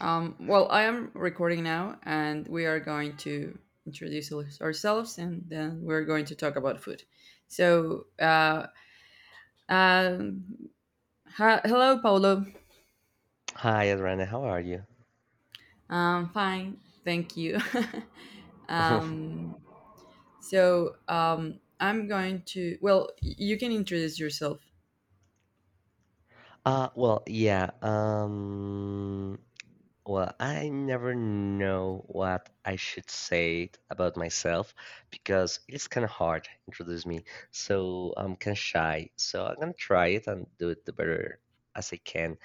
Well, I am recording now, and we are going to introduce ourselves, and then we're going to talk about food. So, um, hello, Paulo. Hi, Adriana, how are you? Fine, thank you. um, so, I'm going to. Well, you can introduce yourself. Uh, well, yeah, um, well, I never know what I should say about myself because it's kind of hard to introduce me. So I'm kind of shy. So I'm gonna try it and do it the better as I can.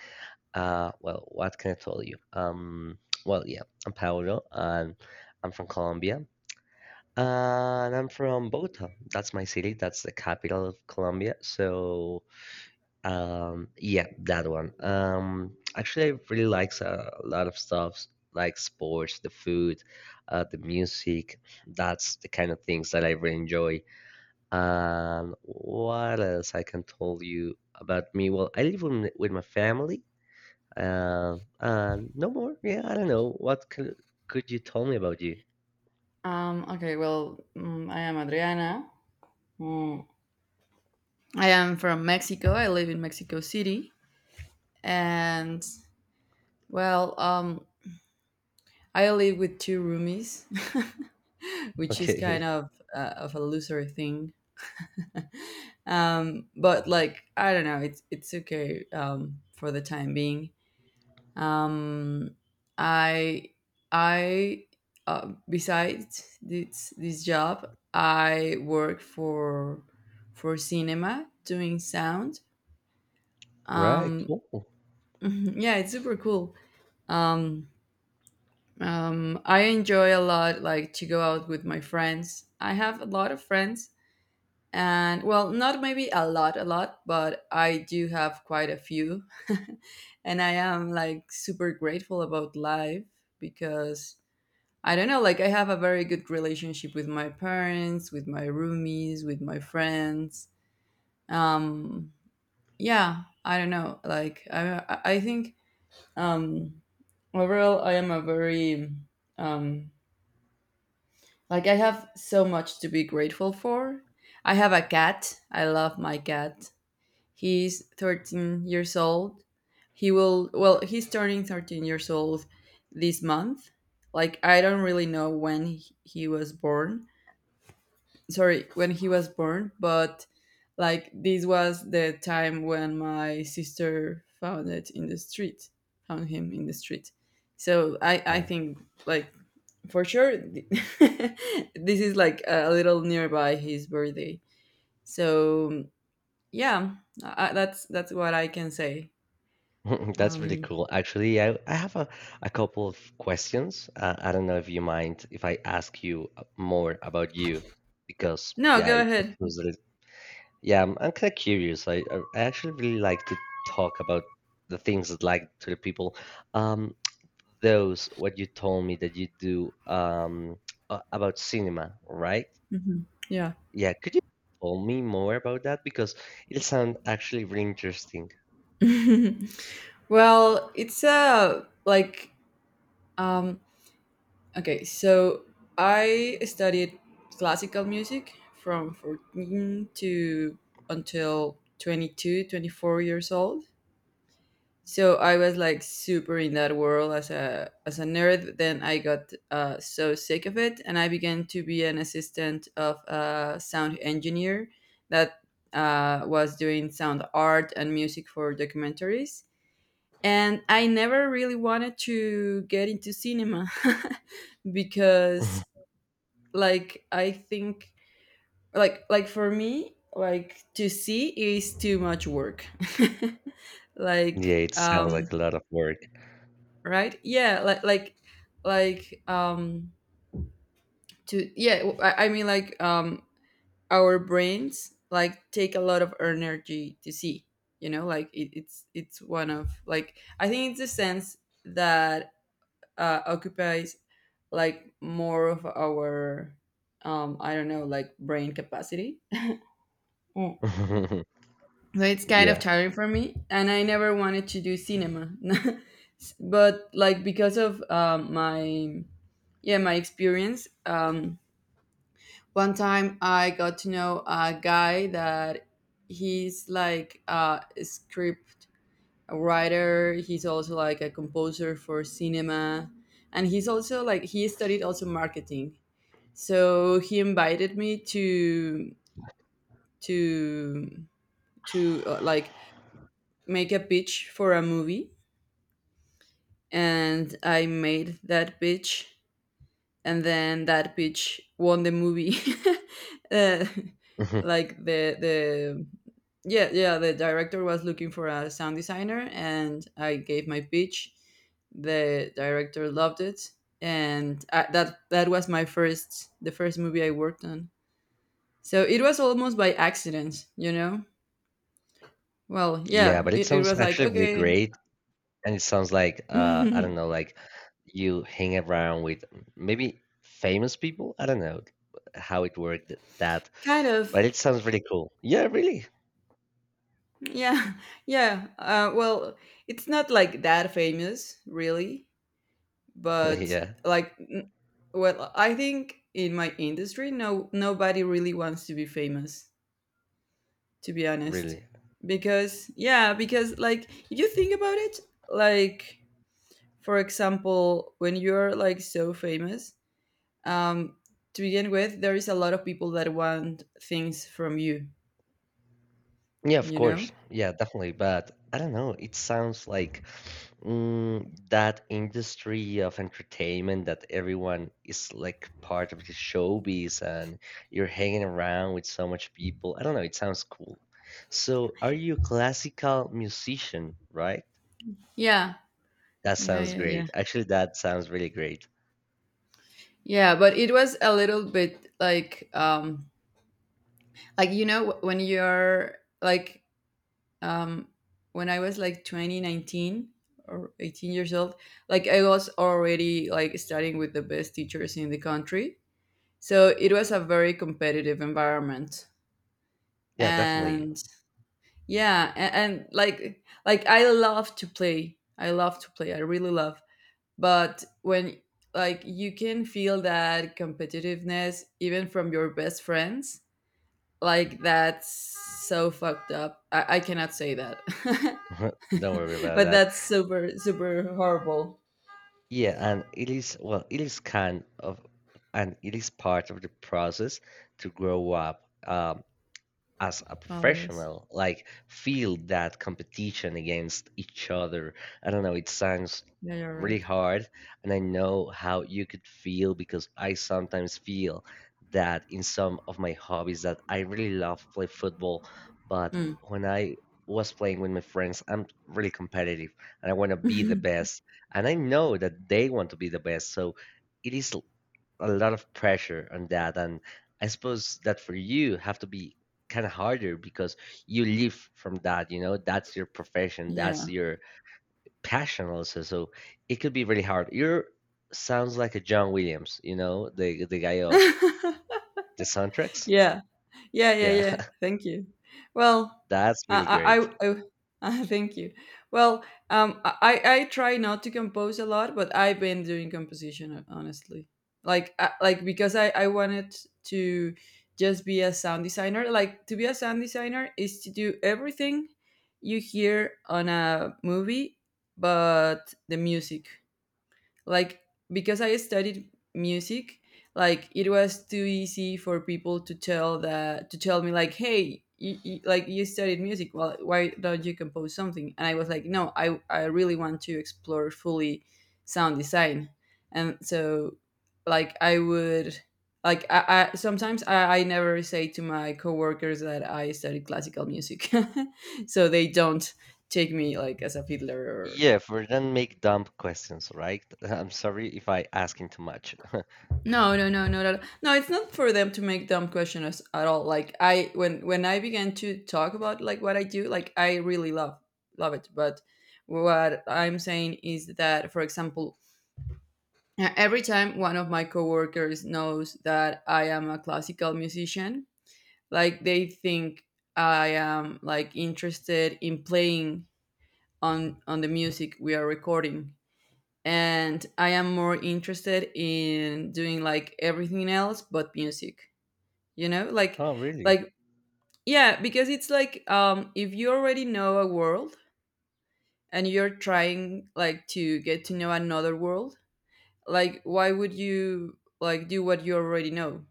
Well, what can I tell you? Well, yeah, I'm Paolo and I'm from Colombia. And I'm from Bogota. That's my city. That's the capital of Colombia. So yeah, that one. Actually, I really likes a lot of stuff like sports, the food, the music. That's the kind of things that I really enjoy. What else I can tell you about me? Well, I live with my family. And no more. Yeah, I don't know. What could you tell me about you? Okay. Well, I am Adriana. Mm, I am from Mexico. I live in Mexico City, and, well, I live with two roomies, which is Okay. kind of a loser thing. But like I don't know, it's okay, for the time being. Um, I I besides this job, I work for cinema doing sound. Right. Um, Cool. yeah, it's super cool. Um, I enjoy a lot, like to go out with my friends. I have a lot of friends, and, well, not maybe a lot, but I do have quite a few, and I am like super grateful about life, because I don't know, like I have a very good relationship with my parents, with my roomies, with my friends. Um, yeah, I don't know, like I think, um, overall I am a very. um Like I have so much to be grateful for. I have a cat. I love my cat. He's 13 years old. He will Well, he's turning 13 years old this month. Like I don't really know when he was born, sorry, when he was born, but like this was the time when my sister found him in the street. So I think, like, for sure this is like a little nearby his birthday. So yeah, that's what I can say. That's really um cool. Actually, I have a couple of questions. I don't know if you mind if I ask you more about you, because no, yeah, go I ahead. suppose that it, yeah, I'm kind of curious. I actually really like to talk about the things that like to the people. Um, those what you told me that you do a- about cinema, right? Mhm, yeah. Yeah, could you tell me more about that because it sounds actually really interesting. well it's a like um Okay, so I studied classical music from 14 to until 22, 24 years old. So I was like super in that world as a nerd. But then I got so sick of it, and I began to be an assistant of a sound engineer that was doing sound art and music for documentaries. And I never really wanted to get into cinema. Because like I think, for me, like, to see is too much work. Yeah, like it sounds um like a lot of work. right, yeah, like um to yeah, I mean, like, our brains like take a lot of energy to see, you know, like, it's one of, like, I think it's a sense that occupies, like, more of our I don't know, like, brain capacity. So it's kind of Yeah. tiring for me, and I never wanted to do cinema. But like, because of my experience, one time I got to know a guy that he's like a script writer. He's also like a composer for cinema, and he's also like he studied also marketing. So he invited me to to like make a pitch for a movie, and I made that pitch, and then that pitch won the movie. uh, Mhm. like the the yeah, the director was looking for a sound designer, and I gave my pitch. The director loved it, and that was my first the first movie I worked on. So it was almost by accident, you know? Well, Yeah, yeah, but it it sounds was like, actually really okay, great, and it sounds like I kind don't know, like you hang around with maybe famous people. I don't know how it worked that, of. but it sounds really cool. Yeah, really. Yeah, yeah. Well, it's not like that famous, really, but Yeah, like, n- well, I think in my industry, no, nobody really wants to be famous, to be honest, really. because, yeah, because, like, if you think about it, like, for example, when you're like so famous, um, to begin with, there is a lot of people that want things from you, Yeah, of you know? course. Yeah, definitely. But I don't know. It sounds like mm, that industry of entertainment that everyone is like part of the showbiz and you're hanging around with so much people. I don't know, it sounds cool. So, are you a classical musician, right? Yeah, That yeah, sounds yeah, yeah. great. Actually, that sounds really great. Yeah, but it was a little bit like, like, you know, when you're like, um when I was like 20 nineteen, or 18 years old, like I was already like studying with the best teachers in the country. So it was a very competitive environment. Yeah, definitely. And yeah, and, like I love to play. I love to play. I really love. But when, like, you can feel that competitiveness even from your best friends. Like, that's so fucked up. I cannot say that. Don't worry about But that. that's super super horrible. Yeah, and it is, well, it is kind of, and it is part of the process to grow up. As a Oh yes. professional like feel that competition against each other. I don't know, it sounds Yeah, you're really right. hard, and I know how you could feel because I sometimes feel that in some of my hobbies that I really love play football, but Mm. when I was playing with my friends, I'm really competitive and I want to be the best, and I know that they want to be the best, so it is a lot of pressure on that. And I suppose that for you have to be kind of harder because you live from that, you know, that's your profession, that's Yeah. your passion also, so it could be really hard. You're sounds like a John Williams, you know, the guy of the soundtracks, Yeah. Yeah, yeah, yeah. yeah. Thank you. Well, That's really great. I thank you. Well, I try not to compose a lot, but I've been doing composition, honestly. Like, like, because I wanted to just be a sound designer. Like, to be a sound designer is to do everything you hear on a movie, but the music, like, because I studied music, like, it was too easy for people to tell me, like, hey, like, you studied music, well, why don't you compose something? And I was like, no, I really want to explore fully sound design. And so, like, I would like I sometimes I never say to my coworkers that I studied classical music, so they don't take me like as a fiddler. Yeah, for then make dumb questions, right? I'm sorry if I asking too much. No, no, no, no, no. No, it's not for them to make dumb questions at all. Like, I when I began to talk about like what I do, like, I really love it. But what I'm saying is that, for example, every time one of my coworkers knows that I am a classical musician, like they think I am like interested in playing on the music we are recording, and I am more interested in doing like everything else but music, you know, Oh really? like yeah, because it's like, if you already know a world, and you're trying, like, to get to know another world, like, why would you, like, do what you already know.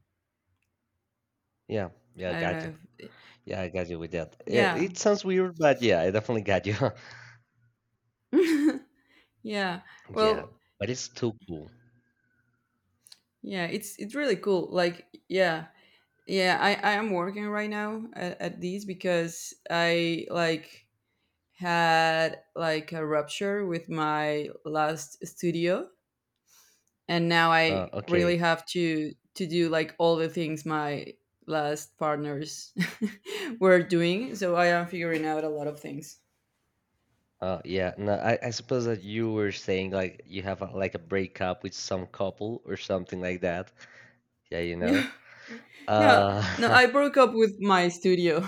Yeah, yeah, I I don't got you. know if, Yeah, I got you with that. it, yeah. it sounds weird, but yeah, I definitely got you. Yeah, Yeah, well, but it's too cool. yeah, it's really cool, like, yeah, yeah, I am working right now at these, because I like had like a rupture with my last studio, and now I Okay. really have to do like all the things my last partners were doing, so I am figuring out a lot of things. Yeah. No, I suppose that you were saying like you have a, like a breakup with some couple or something like that. Yeah, you know. No, no, Uh, I broke up with my studio,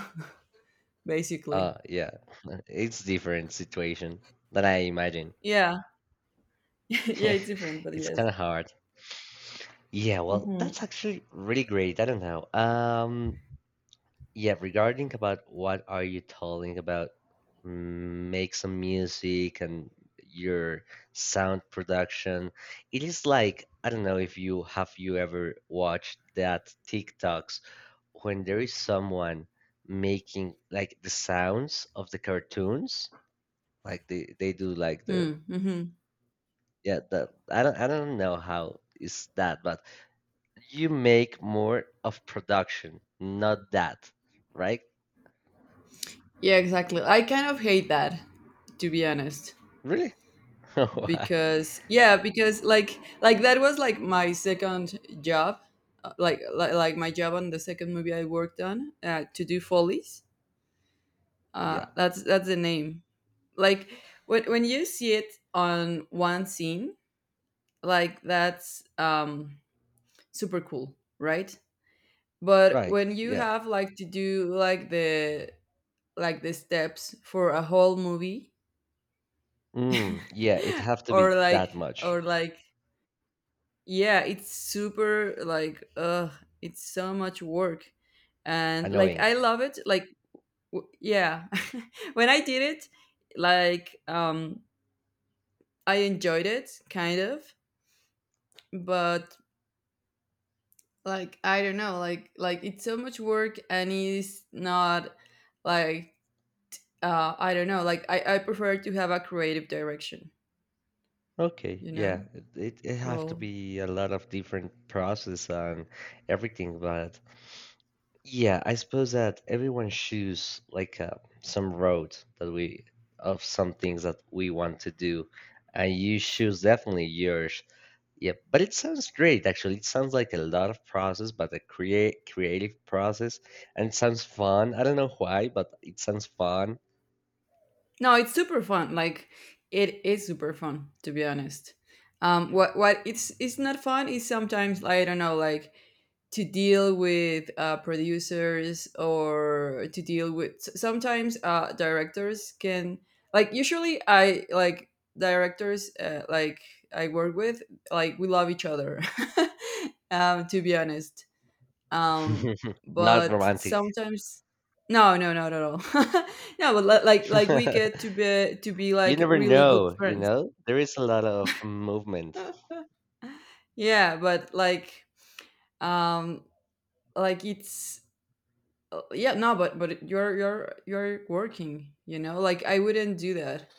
basically. Yeah. It's different situation than I imagine. Yeah. Yeah, it's different, but It's yes. kind of hard. Yeah, well, Mm-hmm. that's actually really great. I don't know. Yeah, regarding about what are you talking about, mm, make some music and your sound production. It is like I don't know if you have you ever watched that TikToks when there is someone making like the sounds of the cartoons, like they do like the Mm, mm-hmm. yeah the I don't I don't know how is that, but you make more of production, not that, right? Yeah, exactly, I kind of hate that, to be honest, Really? Why? because, yeah, because, that was like my second job, my job on the second movie I worked on, to do follies. Yeah. That's the name. Like, when, you see it on one scene, like, that's, super cool, right? But Right. when you Yeah. have, like, to do like the, steps for a whole movie. Mm, yeah, it have to be Or like, that much or like yeah, it's super like, it's so much work, and like annoying. I love it, like, yeah. When I did it, like, I enjoyed it kind of, but like, I don't know, like it's so much work, and it's not like, I don't know, like, I prefer to have a creative direction, Okay, you know, yeah. It have to role. be a lot of different process and everything, but yeah, I suppose that everyone choose like some road that we of some things that we want to do, and you choose definitely yours. Yeah, but it sounds great actually. It sounds like a lot of process, but a create creative process, and it sounds fun. I don't know why, but it sounds fun. No, it's super fun. Like, it is super fun, to be honest. What it's not fun is sometimes I don't know, like, to deal with producers, or to deal with sometimes directors can, like, usually I like directors, like, I work with, like, we love each other. To be honest, um Not but romantic. sometimes. No, no, not at all. No, but like we get to be You like never really good know, you friends. know? There is a lot of movement. Yeah, but um like it's yeah, no, but you're working, you know, like I wouldn't do that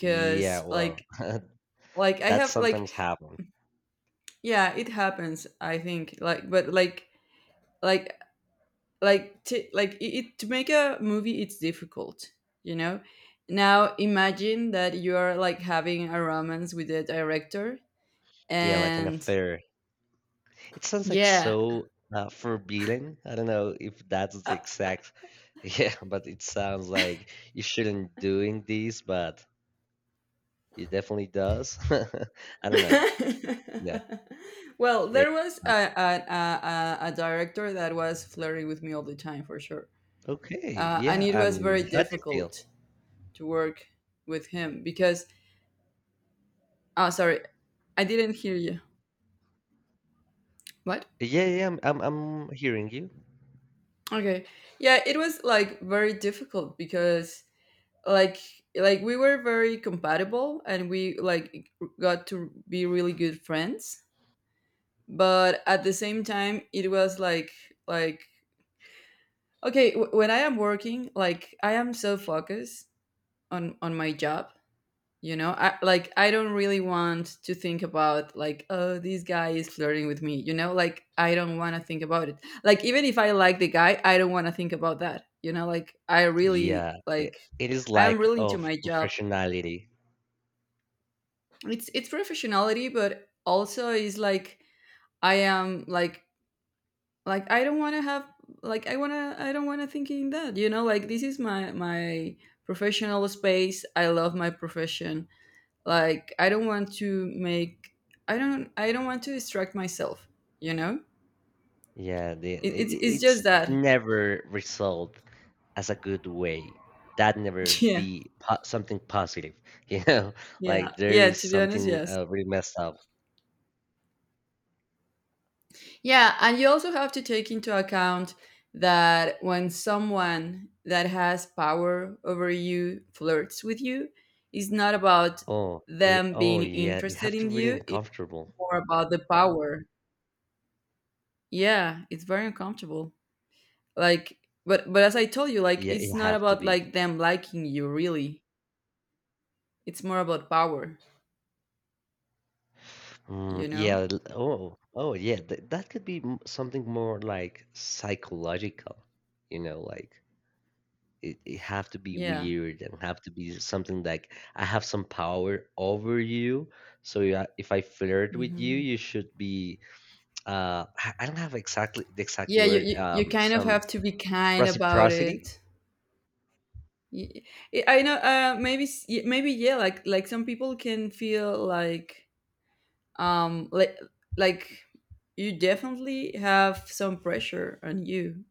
Yeah, like well, like I that have, like. sometimes happens. Yeah, it happens, I think, like, but like to like to make a movie, it's difficult, you know. Now imagine that you're like having a romance with the director, Yeah, like an and affair. It sounds like yeah. so forbidden. I don't know if that's the uh, exact. Yeah, but it sounds like you shouldn't doing this, but it definitely does. I don't know. Yeah. well, Yeah. there was a director that was flirting with me all the time, for sure. Okay. And Yeah. it was And very how do you feel? difficult to work with him because, oh, sorry, I didn't hear you. What? Yeah, yeah. I'm hearing you. Okay. Yeah, it was like very difficult because like like we were very compatible, and we, like, got to be really good friends. But at the same time, it was like, like okay, when I am working, like I am so focused on my job, you know. Like, I don't really want to think about, like, oh, this guy is flirting with me, you know. Like, I don't want to think about it. Like, even if I like the guy, I don't want to think about that, you know. Like, I really Yeah, it, like, it is I am lack really into of my job. professionality. It's professionality, but also is, like, I am, like, I don't want to have, like, I don't want to think in that, you know. Like, this is my professional space. I love my profession. Like, I don't want to make, I don't want to distract myself, you know. Yeah, it, it's it's it's just that. never resolved as a good way. That never Yeah, be po something positive, you know? yeah, Like there yeah, is to be honest, something yes. Really messed up. Yeah, and you also have to take into account that when someone that has power over you flirts with you, it's not about Oh, them oh being yeah, it interested have to in be really you, it's uncomfortable. more about the power. Yeah, it's very uncomfortable. Like, but as I told you, like Yeah, it's it not have to about, be. like, them liking you really. It's more about power, Mm, you know? yeah. Oh, oh yeah. Th That could be m something more like psychological, you know, like. It have to be Yeah. weird and have to be something like I have some power over you. So yeah, if I flirt with you, Hmm. you should be I don't have exactly the exact Yeah, you, word you you kind of some have to be kind about reciprocity. it. Y- I know. Maybe, maybe, yeah. Like, some people can feel like, like you definitely have some pressure on you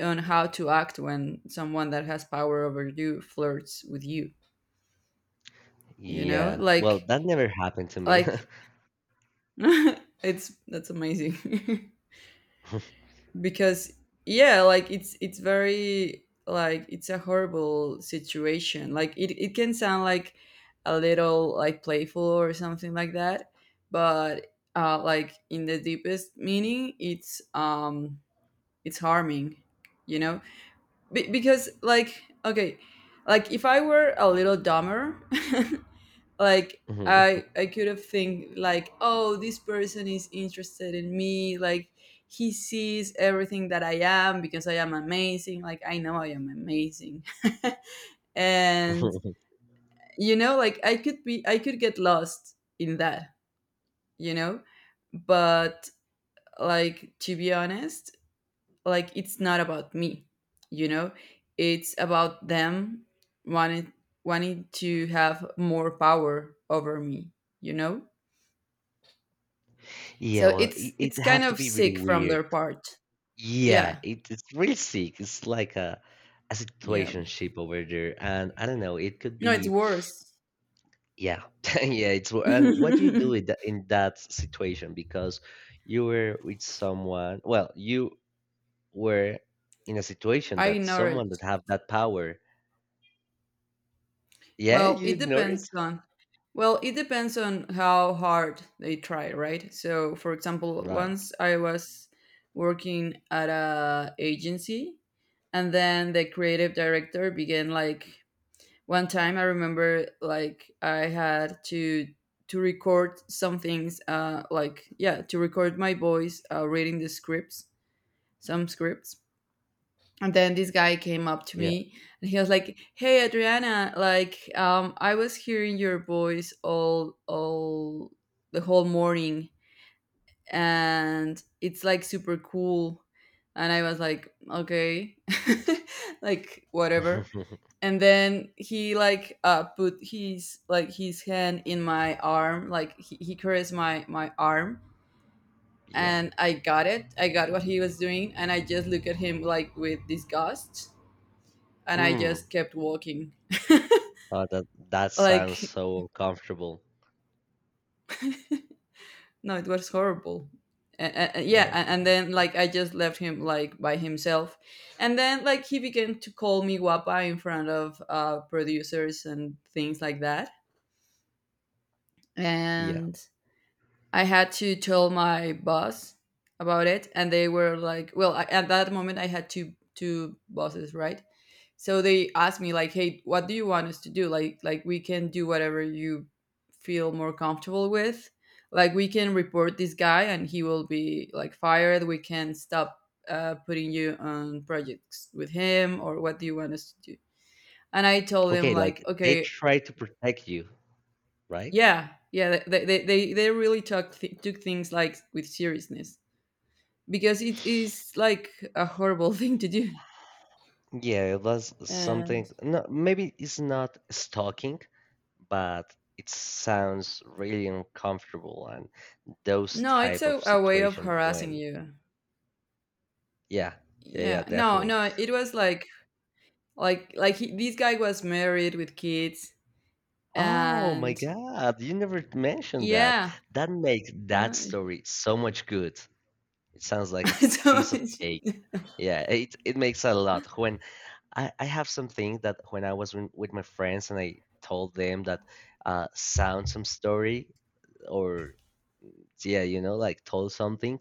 on how to act when someone that has power over you flirts with you. You know, Yeah. Well, like, that never happened to me. like it's that's amazing. Because, yeah, like it's very, like, it's a horrible situation. Like it can sound like a little, like, playful or something like that, but like, in the deepest meaning, it's, it's harming, you know. Because, like, okay, like if I were a little dumber, like Mhm. I could have think, like, oh, this person is interested in me, like he sees everything that I am because I am amazing. Like, I know I am amazing. And, you know, like, I could get lost in that, you know. But, like, to be honest, like it's not about me, you know. It's about them wanting wanting to have more power over me, you know. Yeah, So well, it's it, it's it kind have to of be really sick from their weird. part. Yeah, Yeah, it, it's really sick. It's like a yeah. situationship over there, and I don't know. It could No, it's be worse. yeah, yeah. It's wo- I and what do you do with that in that situation? Because you were with someone. Well, you were in a situation that ignore someone that it. have that power. Yeah, Well, you it ignore depends it. on. Well, it depends on how hard they try, right? So, for example, Right. once I was working at a agency, and then the creative director began, like, one time. I remember, like, I had to record some things, like, yeah, to record my voice, reading the scripts, some scripts. And then this guy came up to Yeah. me, and he was like, "Hey, Adriana, like, I was hearing your voice all the whole morning, and it's like super cool." And I was like, "Okay, like, whatever." And then he, like, put his, like, his hand in my arm, like he caressed my arm, Yeah. and I got it. I got what he was doing, and I just looked at him, like, with disgust, and I Mm. just kept walking. Oh, that that sounds Like, so uncomfortable. no, it was horrible. Yeah, No. and Like then, like, I just left him, like, by himself, and then, like, he began to call me guapa in front of producers and things like that, yeah. and I had to tell my boss about it, and they were like, "Well, at that moment, I had two bosses, right?" So they asked me, like, "Hey, what do you want us to do? Like, we can do whatever you feel more comfortable with. Like, we can report this guy, and he will be, like, fired. We can stop putting you on projects with him, or what do you want us to do?" And I told them, Okay. like, Like they "Okay, try to protect you, right? yeah." Yeah, they really took things, like, with seriousness, because it is like a horrible thing to do. Yeah, it was something. And No, maybe it's not stalking, but it sounds really uncomfortable and those no, it's type a, of a way of situation harassing when you. yeah, yeah, yeah, Yeah. No, definitely. no, it was like this guy was married with kids, Oh my and god, you never mentioned that. yeah, That makes that no. story so much good. It sounds like a so piece of it's- cake. Yeah, it makes a lot when I have something that when I was with my friends and I told them that sound some story or yeah, you know, like told something.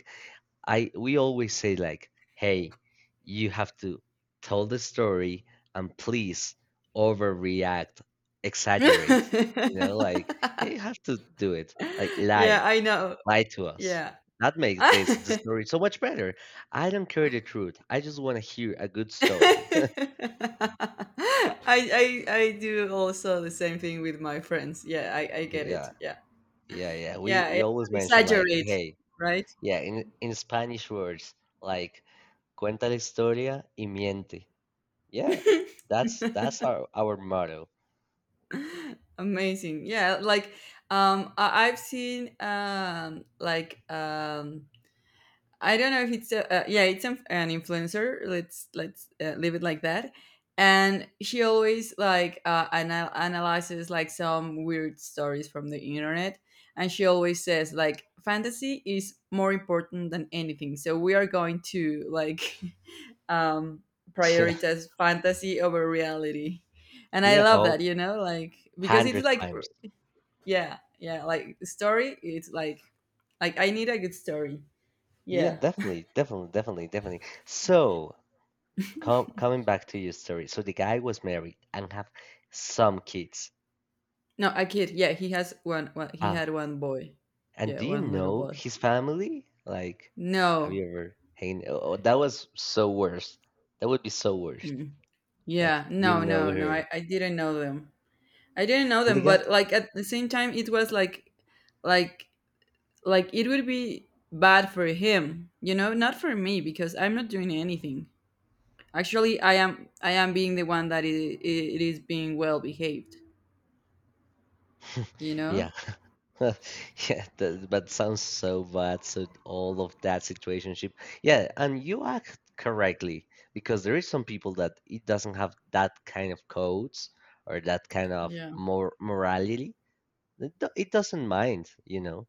I we always say like, "Hey, you have to tell the story and please overreact, exaggerate." You know, like you have to do it. Like Yeah, lie, I know. lie to us. Yeah. That makes this the I, story so much better. I don't care the truth. I just want to hear a good story. I do also the same thing with my friends. Yeah, I get it. Yeah, Yeah. yeah, yeah. We Yeah, yeah. you always mention like, Exaggerate, hey, right? yeah, in Spanish words like cuenta la historia y miente. Yeah, that's our motto. Amazing. Yeah, like, I've seen, like, I don't know if it's yeah, it's an influencer. Let's leave it like that. And she always, like, analyzes, like, some weird stories from the internet, and she always says, like, fantasy is more important than anything. So we are going to, like, um, Yeah, prioritize fantasy over reality. And I yeah, love oh, that, you know, like, because it's, hundred like, times. yeah, yeah, like, story. It's like, I need a good story. Yeah, Yeah. definitely, definitely, definitely, definitely. So, coming back to your story. So the guy was married and have some kids. No, a kid. Yeah, he has one. He had Ah, one boy. and Yeah, do you one little know boy. his family? Like, have No. you ever hang? Oh, oh, that was so worst. That would be so worst. Mm. Like, Yeah. you No. know No. No. her. I didn't know them. I didn't know And the them, guy, but, like, at the same time, it was like, like, it would be bad for him, you know, not for me, because I'm not doing anything. Actually, I am being the one that it is being well behaved. You know. yeah. Yeah, that, that sounds so bad. So all of that situationship. Yeah, and you act correctly because there is some people that it doesn't have that kind of codes or that kind of Yeah. Morality. It doesn't mind, you know.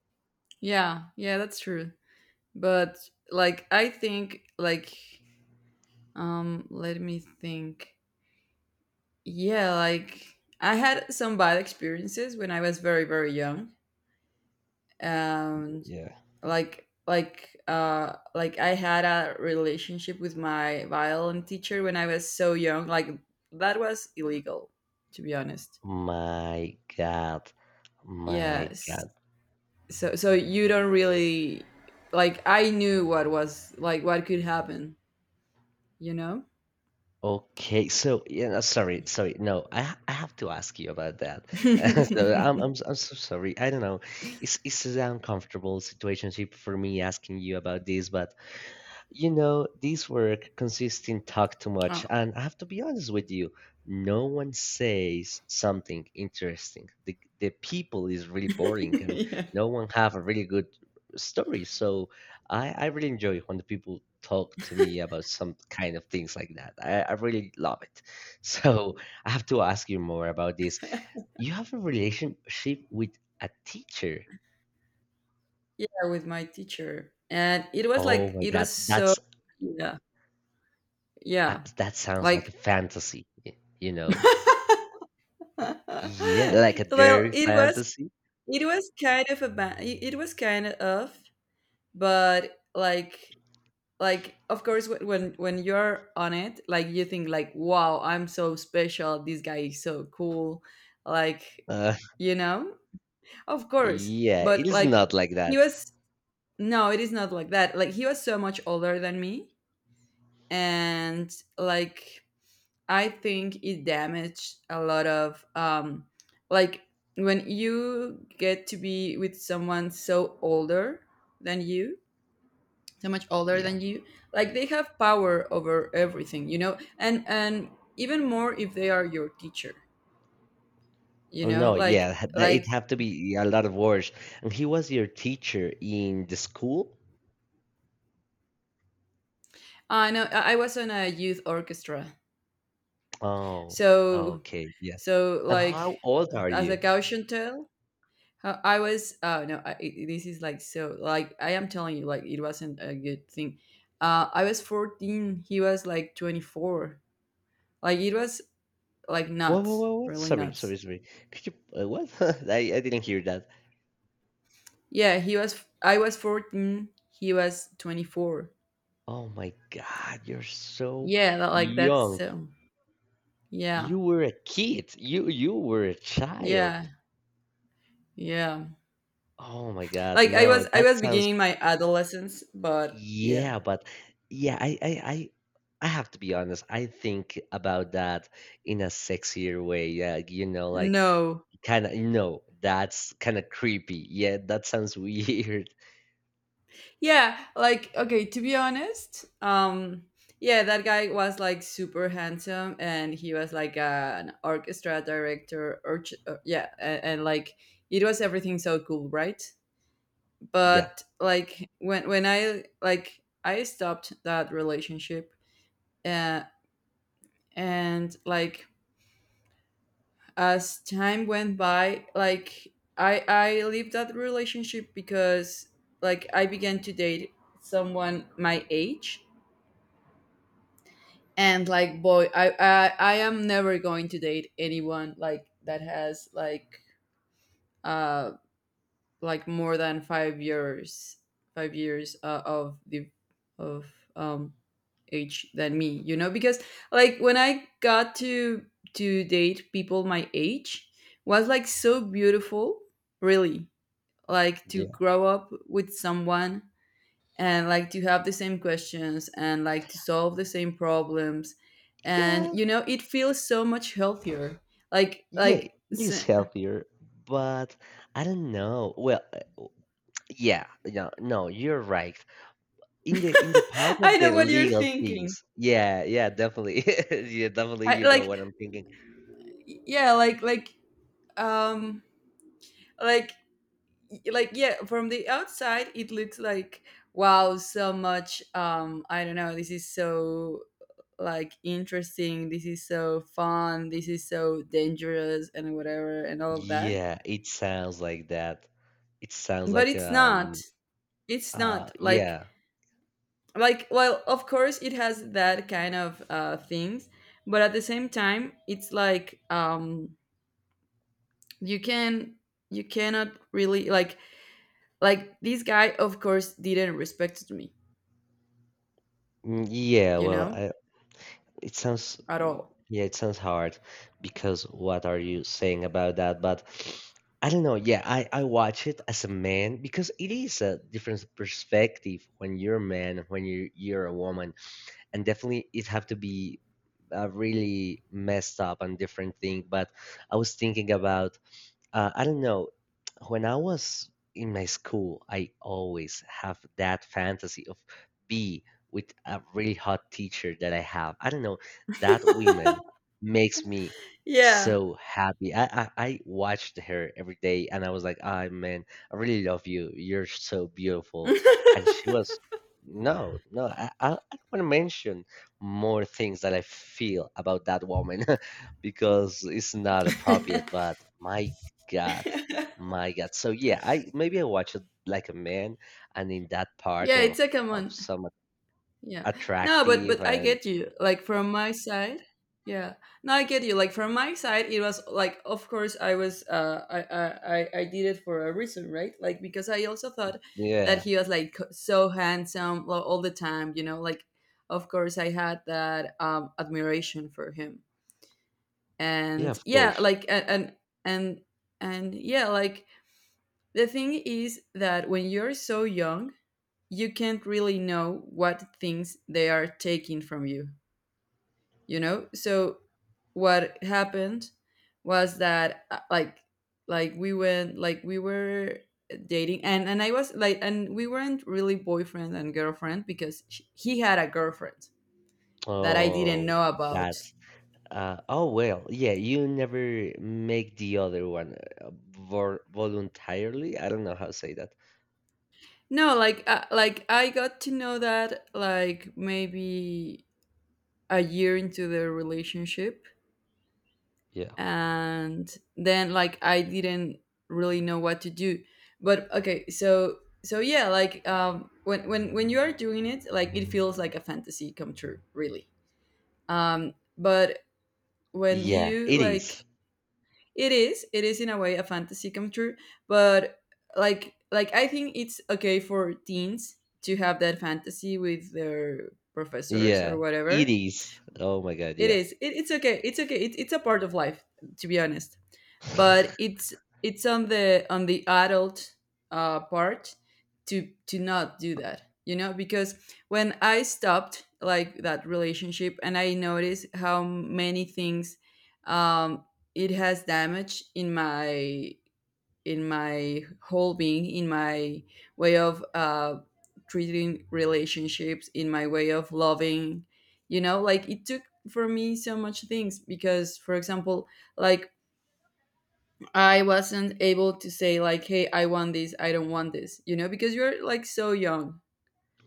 Yeah. Yeah. That's true. But, like, I think, like, let me think. Yeah, like, I had some bad experiences when I was very very young, and Yeah. Like I had a relationship with my violin teacher when I was so young. Like, that was illegal, to be honest. My God. My Yes. God. So you don't really, like, I knew what was, like, what could happen, you know. Okay, so yeah, no, sorry, sorry. No, I have to ask you about that. So I'm so sorry. I don't know. It's an uncomfortable situationship for me asking you about this, but you know, this work consists in talk too much, Oh. and I have to be honest with you, no one says something interesting. The people is really boring, and Yeah, no one have a really good story. So I really enjoy when the people talk to me about some kind of things like that. I really love it. So I have to ask you more about this. You have a relationship with a teacher. yeah, with my teacher, and it was, Oh like, my it God, was so, that's yeah, yeah, that sounds like like. a fantasy, y- you know. Yeah, Well, like a dirty it was fantasy. it was kind of but, like of course, when you're on it, like, you think like, wow, I'm so special, this guy is so cool, like, Uh, you know, of course. yeah, it But, is like, not like he that. was. No, it is not like that. Like, he was so much older than me, and, like, I think it damaged a lot of, like, when you get to be with someone so older than you, so much older Yeah. than you, like, they have power over everything, you know. And even more if they are your teacher, you Oh know. no, like yeah, ha- that- it like have to be a lot of words. And he was your teacher in the school? I know. I was on a youth orchestra. Oh, so okay, yeah. so And like, how old are as a you? Gaussian tale, I was, oh no. This is, like, so, like, I am telling you, like, it wasn't a good thing. I was 14, he was like 24. Like, it was like nuts, What, what? really Sorry, nuts. sorry, sorry. Could you, what? I didn't hear that. Yeah, he was. I was 14. He was 24. Oh my God, you're so Yeah, that, like, that's young. so. Yeah, You were a kid. You were a child. yeah, yeah. Oh my God, Like, I no, was, that sounds beginning my adolescence, but yeah, yeah, but yeah, I have to be honest. I think about that in a sexier way. Yeah, you know, like no, kind of, no, that's kind of creepy. Yeah, that sounds weird. yeah. Like, okay, to be honest, yeah, that guy was like super handsome, and he was like an orchestra director, or yeah, and like it was everything so cool, right? Yeah, But, like, when I, like, I stopped that relationship, uh, and, like, as time went by, like, I leave that relationship because, like, I began to date someone my age, and, like, boy, I am never going to date anyone, like, that has, like, uh like, more than five years of the of, um age than me, you know, because, like, when I got to date people my age was like so beautiful, really, like, to yeah, grow up with someone, and, like, to have the same questions, and, like, to solve the same problems, and, yeah, you know, it feels so much healthier, like. yeah. Like It s is healthier, but I don't know. Yeah, no, no, you're right. In the I part i of the know what you're legal thinking. things, yeah, yeah, definitely, yeah, definitely. I, You know like what I'm thinking. Yeah, like, um like yeah, from the outside, it looks like, wow, so much, I don't know, this is so, like, interesting, this is so fun, this is so dangerous and whatever and all of that. Yeah, it sounds like that. It sounds But like it's not, an like, yeah. like well of course it has that kind of things but at the same time it's like you can you cannot really like, this guy, of course, didn't respect me, Yeah, you know, it sounds at all. yeah, it sounds hard because what are you saying about that? But I don't know. Yeah, I watch it as a man because it is a different perspective when you're a man and when you're a woman, and definitely it have to be a really messed up and different thing. But I was thinking about I don't know. When I was in my school, I always have that fantasy of be with a really hot teacher that I have. I don't know. That woman makes me Yeah. so happy. I watched her every day and I was like, ah, man, I really love you. You're so beautiful. Yeah, And she was, no, I don't want to mention more things that I feel about that woman because it's not appropriate, but my God, my God. So yeah, I maybe I watch it like a man, and in that part it's a of common. some Yeah. No, but attractive but I and get you. Like, from my side, yeah. No, I get you. Like, from my side, it was like, of course, I was. I did it for a reason, right? Like, because I also thought that yeah, he was, like, so handsome all the time, you know. Like, of course, I had that admiration for him. yeah, And of yeah course. like a- and and yeah like the thing is that when you're so young, you can't really know what things they are taking from you, you know. So what happened was that like we went like we were dating, and I was like, and we weren't really boyfriend and girlfriend because sh he had a girlfriend that I didn't Oh, know about. that. Oh well, yeah. You never make the other one voluntarily. I don't know how to say that. No, like I got to know that, like, maybe a year into the relationship, Yeah, and then like I didn't really know what to do. But okay, so yeah, like when when you are doing it, like it feels like a fantasy come true, really. Um, but when yeah. you It like is. It is. It is, in a way, a fantasy come true, but like I think it's okay for teens to have that fantasy with their professors or Yeah, it whatever. is. Oh my God. It Yeah. is. It's okay. It's okay. It's a part of life, to be honest. But it's on the adult part to not do that. You know, because when I stopped like that relationship, and I noticed how many things um, it has damaged in my whole being, in my way of treating relationships, in my way of loving. You know, like it took for me so much things because, for example, like I wasn't able to say like, "Hey, I want this. I don't want this." You know, because you're like so young.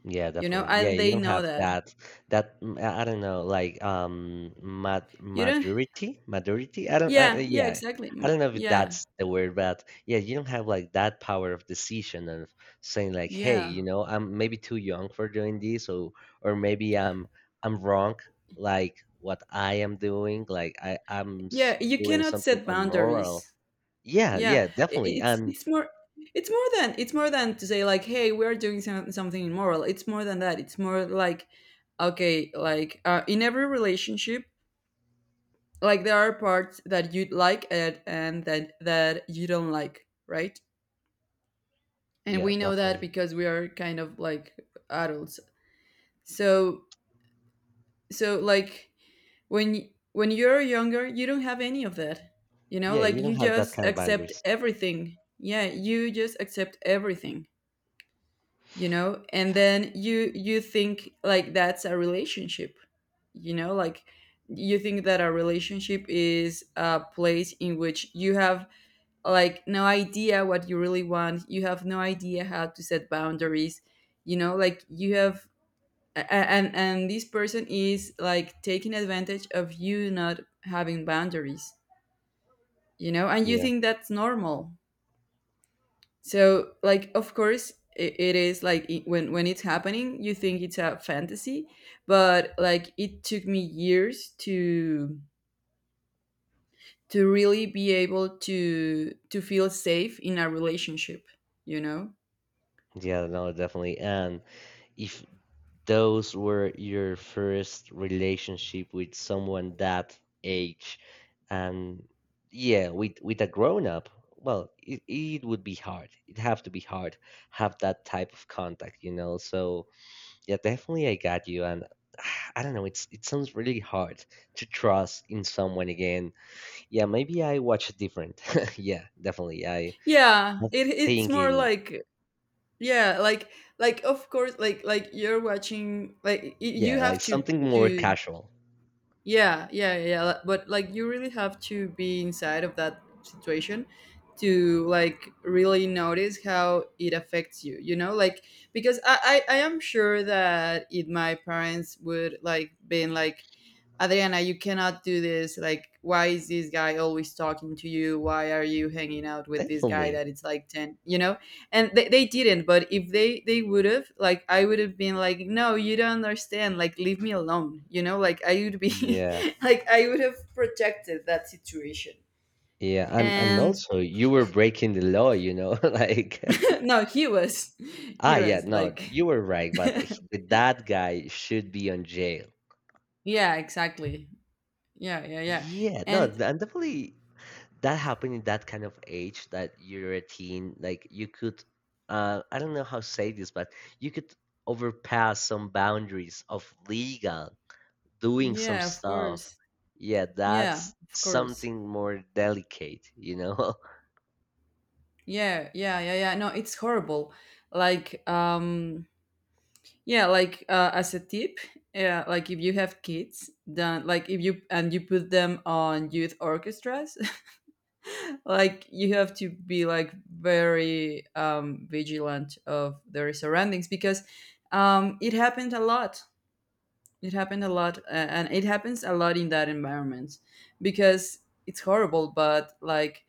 Yeah, You know, definitely. Yeah, and you they don't know have that that that I don't know, like you don't. maturity, maturity. I don't I- Yeah, yeah, yeah. exactly. I don't know if Yeah, that's the word, but yeah, you don't have like that power of decision of saying like, "Hey, yeah, you know, I'm maybe too young for doing this," or maybe I'm wrong, like what I am doing, like yeah. You doing cannot something set unmoral. boundaries. Yeah, Yeah, i- yeah, definitely. it's And it's more it's more than to say like, hey, we're doing something immoral. It's more than that. It's more like, okay, like in every relationship, like there are parts that you like and that you don't like, right? And yeah, we know that definitely. because we are kind of like adults. So so like when when you're younger, you don't have any of that. You know, Yeah, like you don't you have that just kind of accept boundaries. everything. Yeah, you just accept everything. You know, and then you think like that's a relationship, you know, like you think that a relationship is a place in which you have like no idea what you really want. You have no idea how to set boundaries, you know, like you have and this person is like taking advantage of you not having boundaries, you know, and you Yeah. think that's normal. So, like, of course, it is like when it's happening, you think it's a fantasy, but like it took me years to really be able to feel safe in a relationship. You know? Yeah, no, definitely. And if those were your first relationship with someone that age, and yeah, with a grown up, well, it would be hard. It'd have to be hard have that type of contact, you know. So yeah, definitely, I got you. And I don't know, it's it sounds really hard to trust in someone again. Yeah, maybe I watch different. Yeah, definitely. I Yeah. was It's more thinking, like yeah, like of course, like you're watching like you yeah, like have something more to casual. Yeah, yeah, yeah. Yeah, but like, you really have to be inside of that situation to like really notice how it affects you. You know, like because I am sure that if my parents would like been like, Adriana, you cannot do this. Like, why is this guy always talking to you? Why are you hanging out with this guy Definitely. that it's like ten? You know, and they didn't, but if they would have, like I would have been like, no, you don't understand, like leave me alone, you know, like I would be Yeah. like I would have protected that situation. Yeah. And And also you were breaking the law, you know, like no, he was ah he yeah, was no, like you were right, but he- that guy should be on jail. yeah exactly. Yeah, yeah, yeah. Yeah, no, And th- and definitely that happened in that kind of age that you're a teen, like you could I don't know how to say this, but you could overpass some boundaries of legal, doing some yeah, of stuff. course. Yeah, Yeah, that's of course. something more delicate, you know? Yeah, yeah, yeah, yeah, no, it's horrible. Like um, yeah, like as a tip, yeah, like if you have kids, then like if you and you put them on youth orchestras, like you have to be like very vigilant of their surroundings because it happened a lot. It happened a lot, and it happens a lot in that environment because it's horrible. But like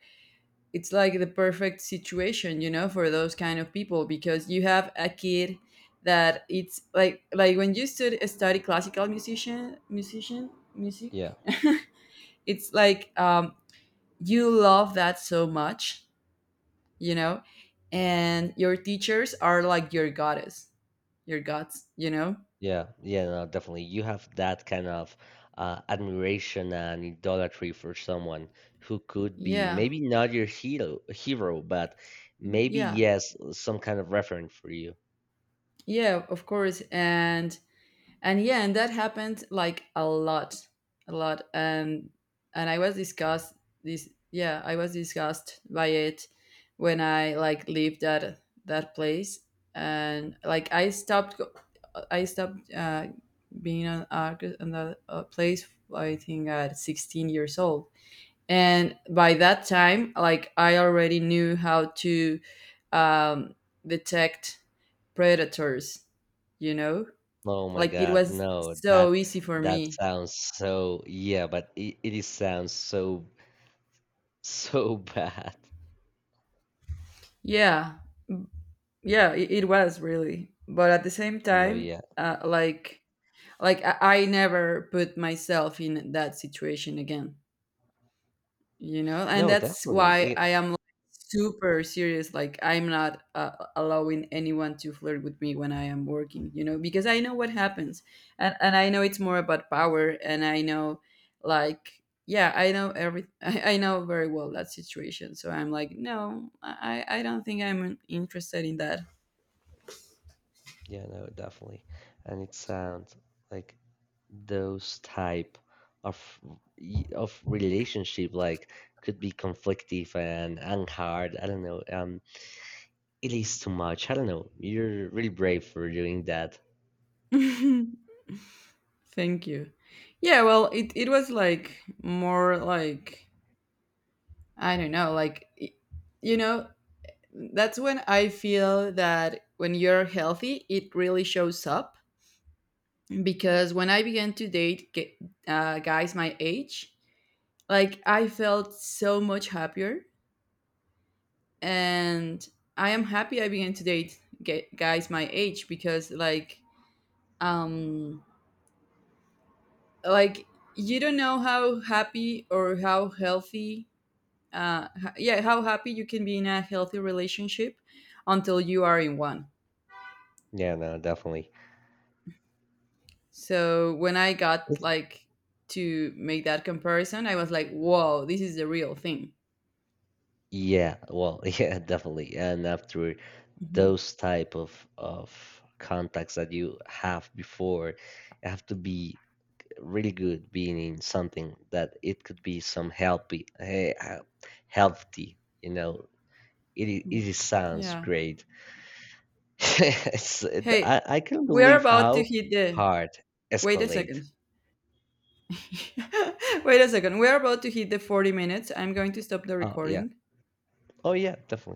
it's like the perfect situation, you know, for those kind of people because you have a kid that it's like when you study classical music Yeah. it's like you love that so much, you know, and your teachers are like your goddess your gods, you know, Yeah, yeah, no, definitely. You have that kind of admiration and idolatry for someone who could be yeah, maybe not your hero, hero, but maybe yeah, yes, some kind of referent for you. yeah, of course. And yeah, and that happened like a lot, a lot, and I was disgust this yeah I was disgusted by it when I like leave that that place, and like I stopped I stopped being on on that place I think at 16 years old, and by that time like I already knew how to um, detect predators, you know, Oh my like it God, was no, that so easy for that me. sounds so yeah, but it is sounds so so bad. Yeah, yeah, it was really. But at the same No, time, yeah, like I never put myself in that situation again. You know, and no, that's definitely. why I It am like, super serious, like I'm not allowing anyone to flirt with me when I am working, you know, because I know what happens, and I know it's more about power, and I know like yeah I know every I know very well that situation, so I'm like, no, I don't think I'm interested in that. yeah, no, definitely, and it sounds like. Those type of y- of relationship like could be conflictive and hard. I don't know, um, it is too much. I don't know, you're really brave for doing that. Thank you. Yeah, well, it was like more like I don't know, like you know, that's when I feel that when you're healthy, it really shows up. Because when I began to date guys my age, like I felt so much happier. And I am happy I began to date guys my age because, um, like you don't know how happy or how healthy, yeah, how happy you can be in a healthy relationship until you are in one. Yeah, no, definitely. So when I got It- like to make that comparison, I was like, "Whoa, this is the real thing." yeah, well yeah, definitely, and after Mhm. those type of contacts that you have before you have to be really good being in something that it could be some healthy healthy, you know. It Mm. it is sounds Yeah. great. It's- Hey, I can't we are believe about to how hit the. hard Wait a second. escalate. Wait a second. We are about to hit the 40 minutes. I'm going to stop the Oh yeah. recording. Oh yeah, definitely.